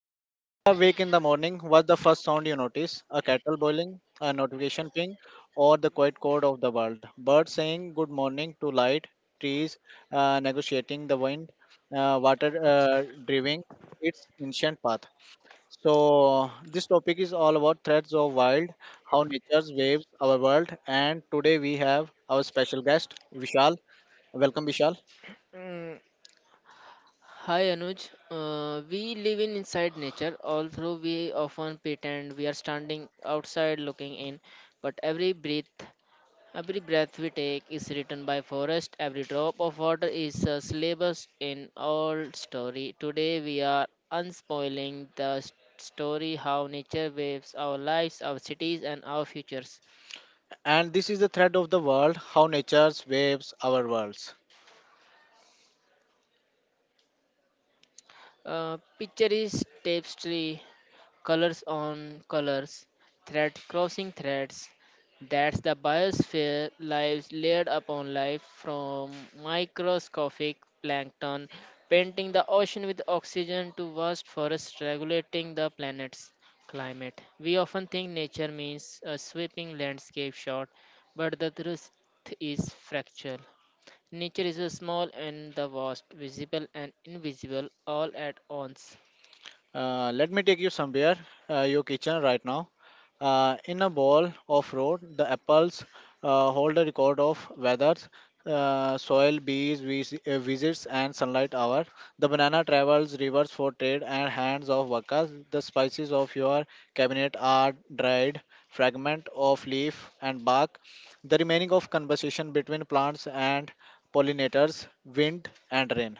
When you are awake in the morning, what's the first sound you notice? A kettle boiling, a notification ping, or the quiet chord of the world? Birds saying good morning to light, trees negotiating the wind, water driving its ancient path. So this topic is all about threads of wild, how nature waves our world, and today we have our special guest Vishal. Welcome Vishal. Mm, Hi Anuj, we live in inside nature, although we often pretend we are standing outside looking in, but every breath we take is written by forest, every drop of water is a syllabus in all story. Today we are unspoiling the story how nature waves our lives, our cities and our futures. And this is the thread of the world, how nature's waves our worlds. Picture is tapestry colors on colors, thread crossing threads. That's the biosphere lives layered upon life from microscopic plankton painting the ocean with oxygen to vast forests regulating the planet's climate. We often think nature means a sweeping landscape shot, but the truth is fractual. Nature is a small and the vast, visible and invisible all at once. Let me take you somewhere, your kitchen right now. In a bowl of road, the apples hold a record of weather, soil, bees, visits, and sunlight hour. The banana travels rivers for trade and hands of workers. The spices of your cabinet are dried fragment of leaf and bark. The remaining of conversation between plants and pollinators, wind and rain.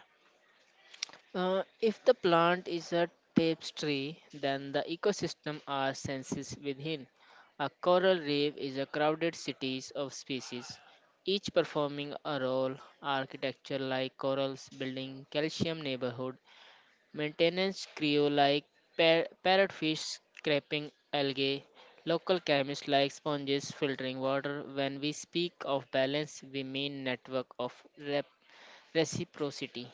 If the plant is a tapestry, then the ecosystem are senses within. A coral reef is a crowded cities of species, each performing a role. Architecture like corals building calcium neighborhood, maintenance crew like parrotfish scraping algae, local chemists like sponges filtering water. When we speak of balance, we mean network of reciprocity.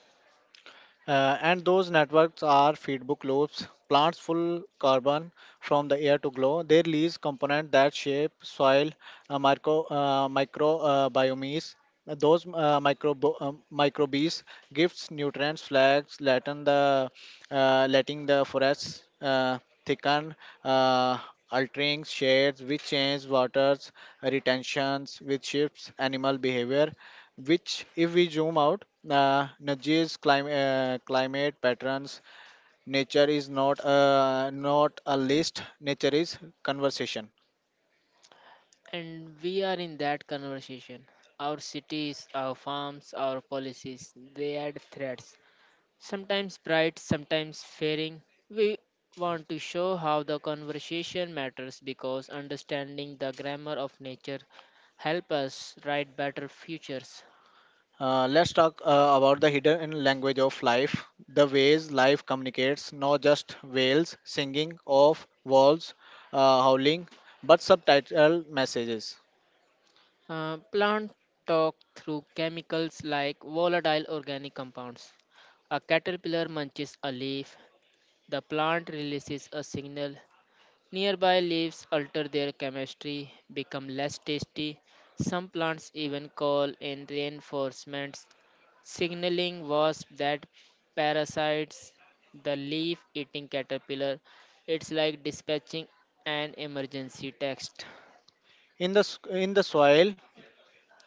And those networks are feedback loops. Plants pull carbon from the air to grow. They release components that shape soil microbiomes. Those microbes gives nutrients, flags, letting the forests thicken, uh, altering shades, which change waters retentions, which shifts animal behavior, which if we zoom out, Nigeria's climate patterns. Nature is not a list. Nature is conversation. And we are in that conversation. Our cities, our farms, our policies, they add threads. Sometimes bright, sometimes fairing. We want to show how the conversation matters because understanding the grammar of nature help us write better futures. Let's talk about the hidden language of life, the ways life communicates, not just whales singing of wolves howling but subtitle messages Plant talk through chemicals like volatile organic compounds. A caterpillar munches a leaf. The plant releases a signal. Nearby leaves alter their chemistry, become less tasty. Some plants even call in reinforcements, signaling wasps that parasites the leaf eating caterpillar. It's like dispatching an emergency text. in the soil.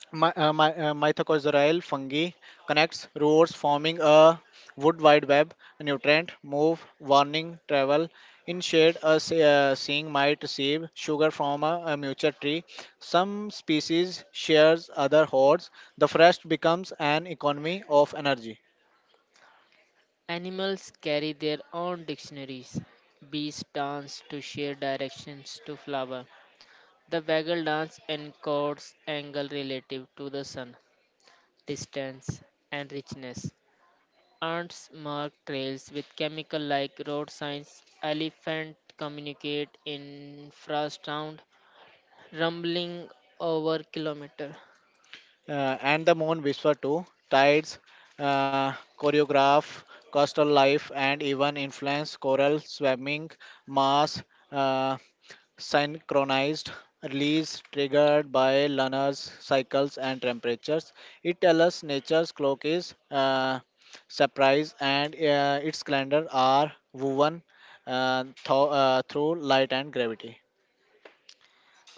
Mycorrhizal fungi connects roots, forming a wood wide web. Nutrient move, warning travel. In shade, a seeing might sieve sugar from a mature tree. Some species shares other hordes. The forest becomes an economy of energy. Animals carry their own dictionaries. Bees dance to share directions to flower. The waggle dance encodes angle relative to the sun, distance, and richness. Ants mark trails with chemical like road signs. Elephant communicate in infrasound, rumbling over kilometer. And the moon whisper too tides, uh, choreograph coastal life, and even influence coral swimming mass, uh, synchronized release triggered by Lunar's cycles and temperatures. It tells us nature's clock is surprise and its calendar are woven through light and gravity.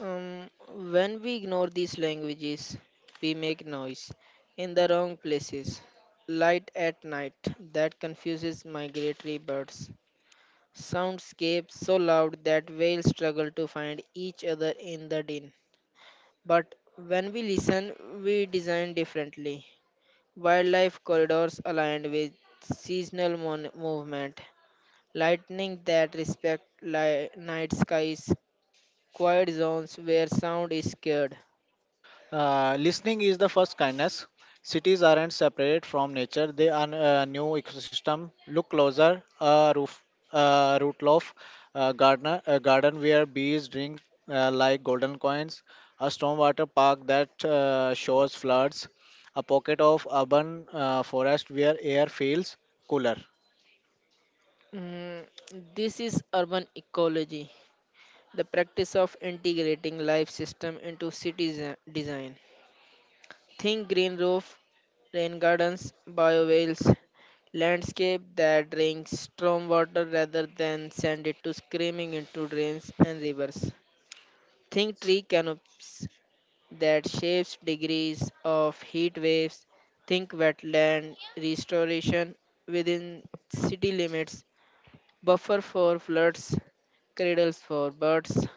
When we ignore these languages, we make noise in the wrong places. Light at night that confuses migratory birds. Soundscapes so loud that whales struggle to find each other in the din. But when we listen, we design differently. Wildlife corridors aligned with seasonal movement, lightning that respect night skies, quiet zones where sound is scared. Listening is the first kindness. Cities aren't separate from nature; they are a new ecosystem. Look closer. A roof, a rootloaf, a gardener, a garden where bees drink like golden coins. A stormwater park that shows floods. A pocket of urban forest where air feels cooler. Mm, this is urban ecology, the practice of integrating life system into city design. Think green roof, rain gardens, biowales, landscape that drinks storm water rather than send it to screaming into drains and rivers. Think tree canopies that shapes degrees of heat waves. Think wetland restoration within city limits. Buffer for floods, cradles for birds.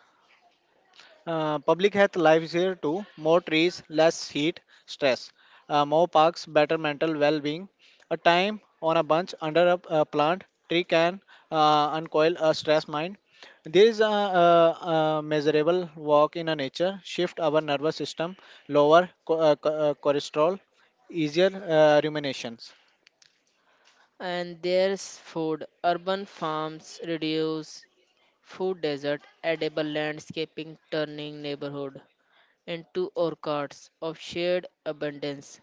Public health lives here too. More trees, less heat, stress. More parks, better mental well-being. A time on a bunch under a plant tree can uncoil a stressed mind. There is a measurable walk in a nature. Shift our nervous system, lower cholesterol, easier ruminations. And there's food. Urban farms reduce food desert, edible landscaping turning neighborhood into orchards of shared abundance.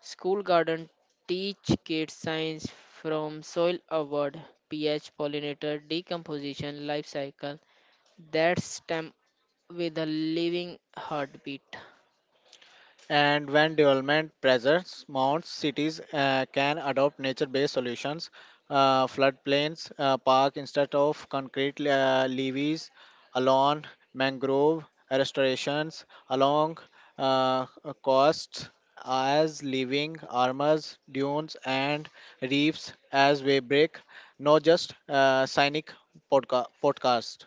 School garden teach kids science from soil award, pH, pollinator, decomposition, life cycle. That's STEM with a living heartbeat. And when development pressures mounts, cities can adopt nature-based solutions, floodplains, park instead of concrete levees, along mangrove restorations, along uh, coasts as living armors, dunes, and reefs as we break. Not just scenic podcast.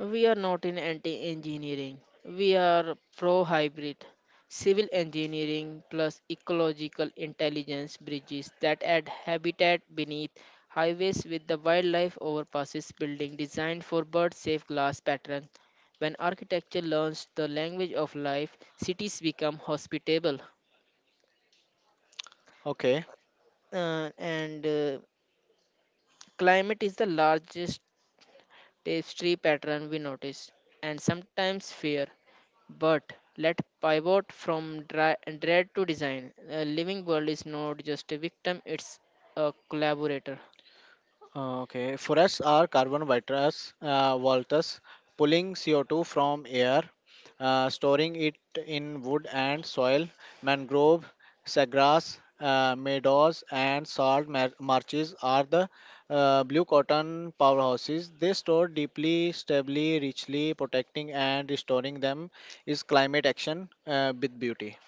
We are not in anti engineering, we are pro hybrid. Civil engineering plus ecological intelligence bridges that add habitat beneath highways with the wildlife overpasses building designed for bird safe glass pattern. When architecture learns the language of life, cities become hospitable. Okay. And Climate is the largest tapestry pattern we notice, and sometimes fear. But let pivot from dread to design. A living world is not just a victim, it's a collaborator. Okay, forests are carbon vitates, voltas, pulling CO2 from air, storing it in wood and soil. Mangrove, sagrass, meadows, and salt marshes are the blue cotton powerhouses. They store deeply, stably, richly, protecting and restoring them is climate action with beauty.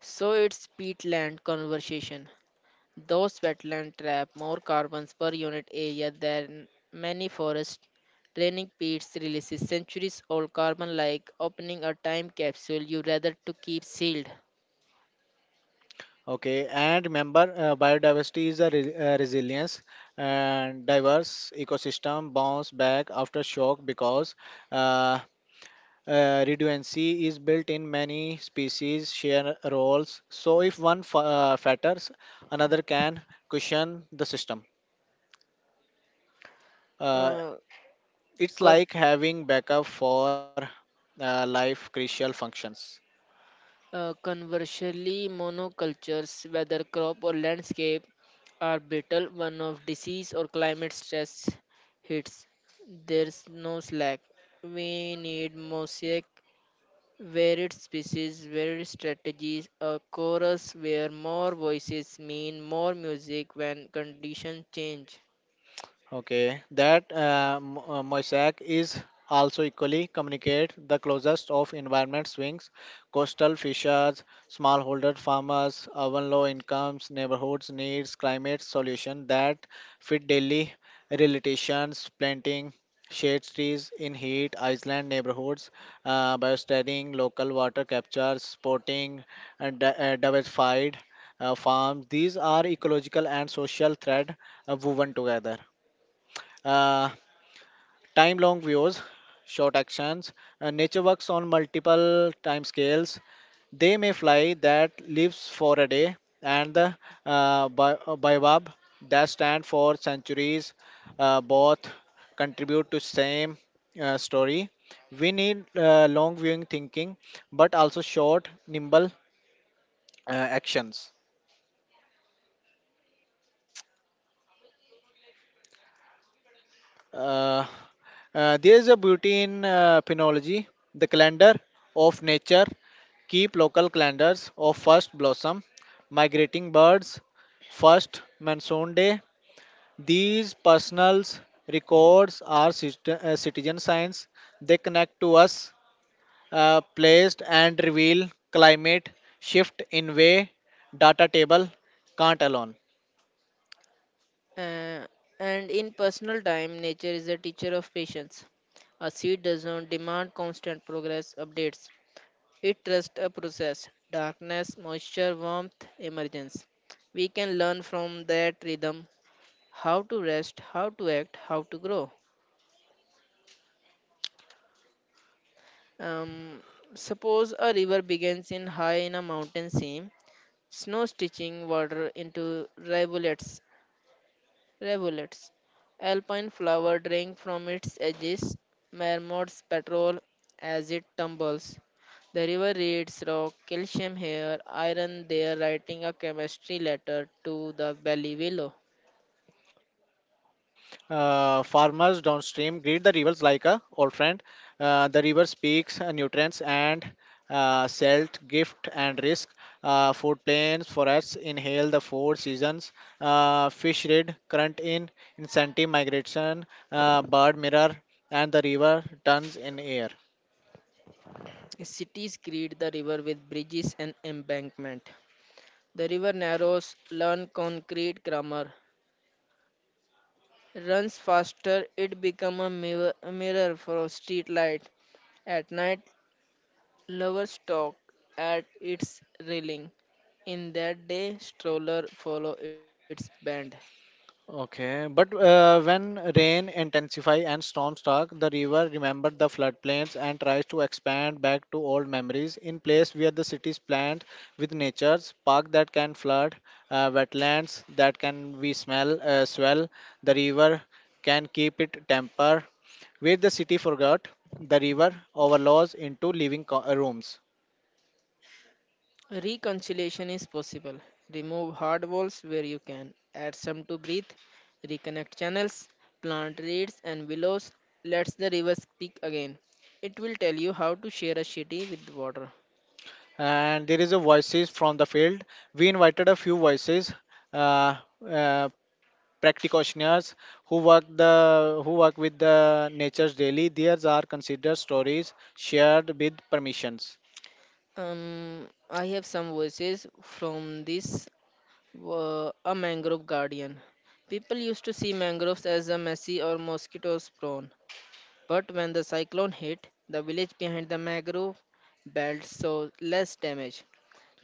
So it's peatland conversation. Those wetlands trap more carbons per unit area than many forests. Draining peats releases centuries old carbon like opening a time capsule you rather to keep sealed. Okay, and remember, biodiversity is a resilience, and diverse ecosystem bounce back after shock because uh, redundancy is built in. Many species share roles, so if one falters, another can cushion the system. Uh, Uh, it's con- like having backup for life crucial functions. Conversely, monocultures, whether crop or landscape, are brittle one of disease or climate stress hits. There's no slack. We need mosaic, varied species, varied strategies, a chorus where more voices mean more music when conditions change. Okay, that mosaic is also equally communicate the closest of environment swings, coastal fishers, smallholder farmers, urban low incomes, neighborhoods needs climate solution that fit daily realizations, planting shade trees in heat Iceland neighborhoods by studying local water capture, sporting and diversified farms. These are ecological and social thread woven together. uh, Time long views, short actions. Nature works on multiple time scales. They may fly that lives for a day, and the baobab that stand for centuries, both contribute to same story. We need long viewing thinking but also short nimble actions. Uh, there is a beauty in phenology, the calendar of nature. Keep local calendars of first blossom, migrating birds, first monsoon day. These personal records are citizen science. They connect to us, placed and reveal climate shift in way data table can't alone. Uh, and in personal time, nature is a teacher of patience. A seed does not demand constant progress updates. It trusts a process darkness, moisture, warmth, emergence. We can learn from that rhythm how to rest, how to act, how to grow. Um, Suppose a river begins in high in a mountain seam, snow stitching water into rivulets Rivulets. Alpine flower drink from its edges. Mermaids patrol as it tumbles. The river reads rock, calcium here, iron there, writing a chemistry letter to the valley willow. Farmers downstream greet the rivers like a old friend. The river speaks nutrients and salt, gift and risk. Food plains, forests inhale the four seasons. Fish read current in incentive migration. Bird mirror and the river turns in air. Cities greet the river with bridges and embankment. The river narrows, learn concrete grammar. Runs faster, it become a mirror for a street light. At night, lovers talk at its railing. In that day, stroller follow its band. Okay, but when rain intensify and storms start, the river remembers the floodplains and tries to expand back to old memories in place where the cities plant with nature's park that can flood, wetlands that can be smell swell. The river can keep it temper where the city forgot. The river overlaws into living rooms. Reconciliation is possible. Remove hard walls where you can. Add some to breathe. Reconnect channels. Plant reeds and willows. Let the river speak again. It will tell you how to share a city with water. And there is a voices from the field. We invited a few voices. Uh, uh, Practitioners who work the who work with the natures daily. These are considered stories shared with permissions. I have some verses from this A Mangrove Guardian. People used to see mangroves as a messy or mosquito prone, but when the cyclone hit, the village behind the mangrove belt saw less damage.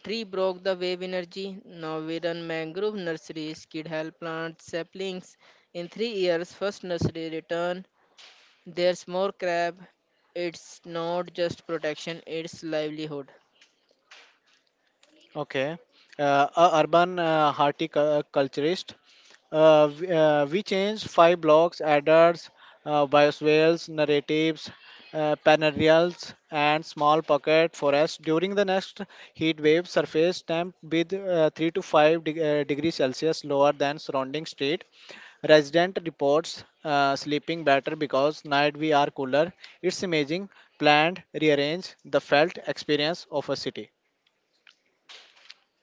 Tree broke the wave energy. Now we run mangrove nurseries, kid help plant saplings. In three years, first nursery return. There's more crab. It's not just protection; it's livelihood. Okay, a urban horticulturist. We changed five blocks, adders, bioswales, narratives, panarials, and small pocket forests. During the next heat wave, surface temp with 3 to 5 degrees Celsius lower than surrounding state. Resident reports sleeping better because night we are cooler. It's amazing. Planned, rearrange the felt experience of a city.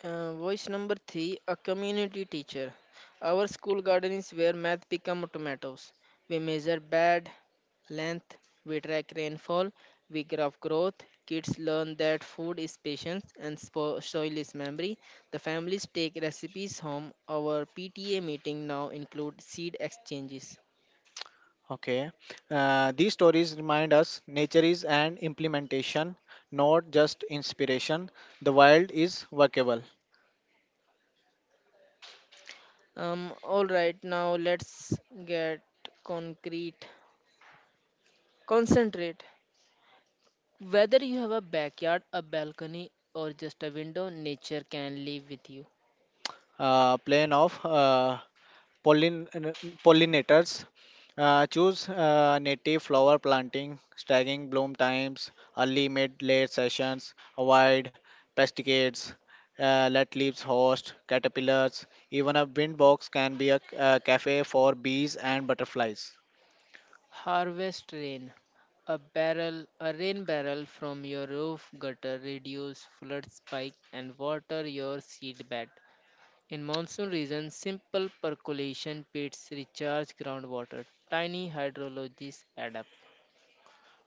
Voice number three, a community teacher. Our school garden is where math become tomatoes. We measure bed length, we track rainfall, we graph growth. Kids learn that food is patience and soil is memory. The families take recipes home. Our PTA meeting now include seed exchanges. Okay. These stories remind us nature is an implementation, not just inspiration. The wild is workable. All right, now let's get concrete. Concentrate. Whether you have a backyard, a balcony, or just a window, nature can live with you. Plane of Pollin- uh, pollinators choose native flower planting, staggering bloom times, early, mid, late sessions, avoid pesticides, let leaves host caterpillars. Even a wind box can be a cafe for bees and butterflies. Harvest rain. A barrel, a rain barrel from your roof gutter reduce flood spike and water your seed bed. In monsoon regions, simple percolation pits recharge groundwater. Tiny hydrologies add up.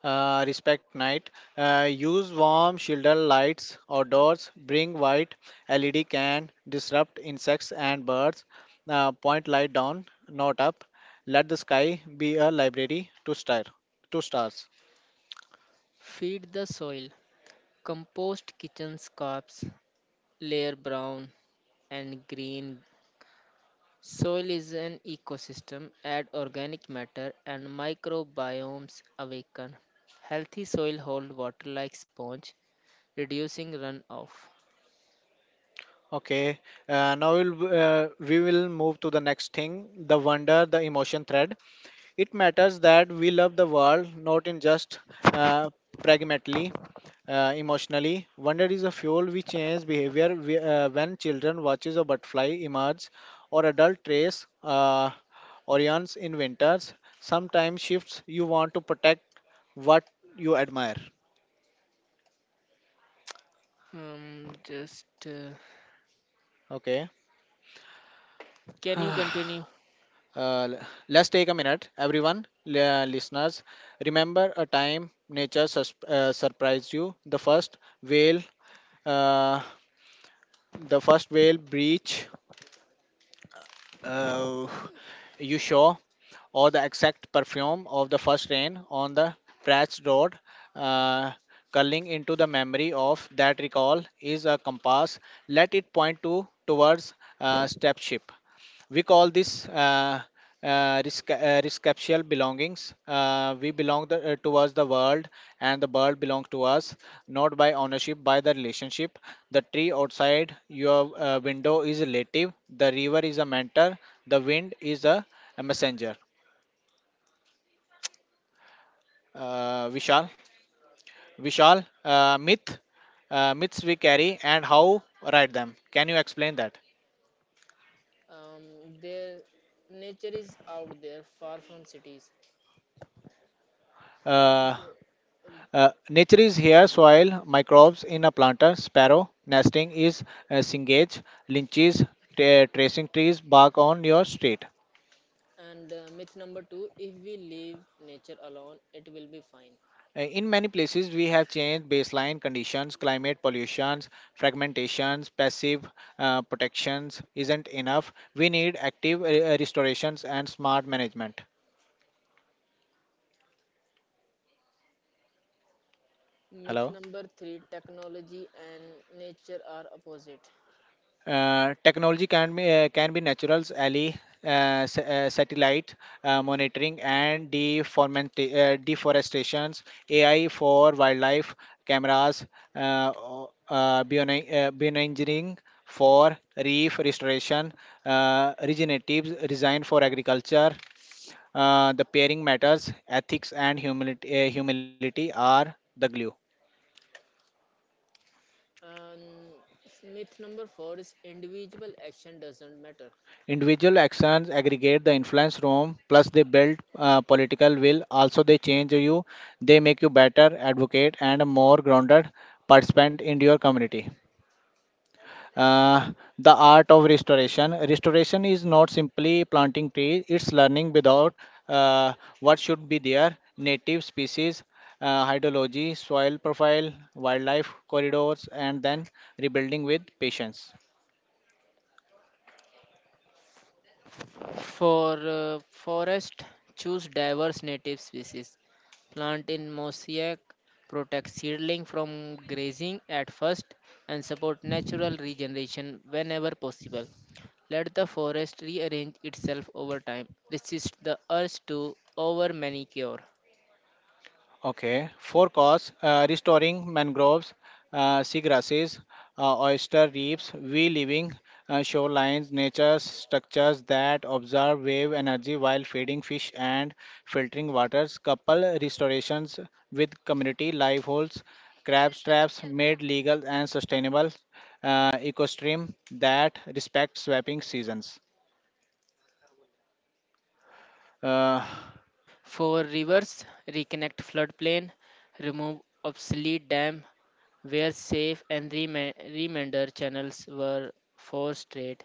Respect night. Use warm shoulder lights outdoors. Bring white LED can disrupt insects and birds. Point light down, not up. Let the sky be a library to stars. Feed the soil. Compost kitchen scraps, layer brown and green. Soil is an ecosystem, add organic matter and microbiomes awaken. Healthy soil hold water like sponge, reducing runoff. Okay. Now we will move to the next thing: the wonder, the emotion thread. It matters that we love the world, not in just uh, pragmatically. Emotionally, wonder is a fuel which changes behavior when children watches a butterfly emerge, or adult trace orions in winters. Sometimes shifts you want to protect what you admire. Just Okay. Can you continue? Uh, l- let's take a minute, everyone, listeners. Remember a time nature surprised you. Whale, uh, the first whale breach uh, you saw, or the exact perfume of the first rain on the Pratt's Road, uh, curling into the memory of that recall is a compass. Let it point to towards stepship. We call this rescaptual belongings. We belong towards the world, and the world belongs to us, not by ownership, by the relationship. The tree outside your window is a relative. The river is a mentor. The wind is a messenger. uh, Vishal. Vishal, myths we carry and how write them. Can you explain that? There, nature is out there, far from cities. Can you, Uh, ju- nature is here, soil, microbes in a planter, sparrow, nesting is singage, lynches, tracing trees, bark on your street. and myth number two: if we leave nature alone, it will be fine. In many places, we have changed baseline conditions, climate pollutions, fragmentations, passive protections isn't enough. We need active restorations and smart management. Myth Hello? number three: technology and nature are opposite. Technology can be can be naturals, ally satellite monitoring and deforestations. AI for wildlife cameras, bioengineering for reef restoration, regenerative design for agriculture. The pairing matters ethics and humility are the glue. And myth number four is individual action doesn't matter. Individual actions aggregate the influence room, plus they build political will. Also, they change you, they make you better advocate and a more grounded participant in your community. Uh, the art of restoration. Restoration is not simply planting trees, it's learning without uh, what should be there native species, hydrology, soil profile, wildlife corridors, and then rebuilding with patience. For forest, choose diverse native species. Plant in mosaic, protect seedling from grazing at first, and support natural regeneration whenever possible. Let the forest rearrange itself over time. Resist the urge to over manicure. Okay, four costs restoring mangroves, seagrasses, oyster reefs, we living shorelines, nature structures that observe wave energy while feeding fish and filtering waters, couple restorations with community live holes, crab traps made legal and sustainable, ecosystem that respects swapping seasons. Uh, For rivers, reconnect floodplain, remove obsolete dam, where safe and remainder channels were forced straight.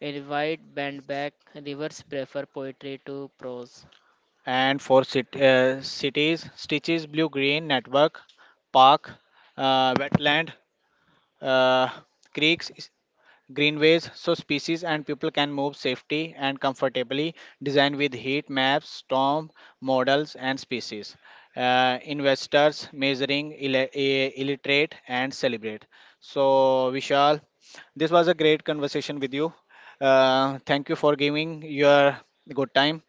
A wide band back, rivers prefer poetry to prose. and for cities stitches blue green network, park, wetland, uh, creeks, greenways so species and people can move safely and comfortably, designed with heat maps, storm models and species investors measuring illiterate and celebrate. So, Vishal, this was a great conversation with you. Thank you for giving your good time.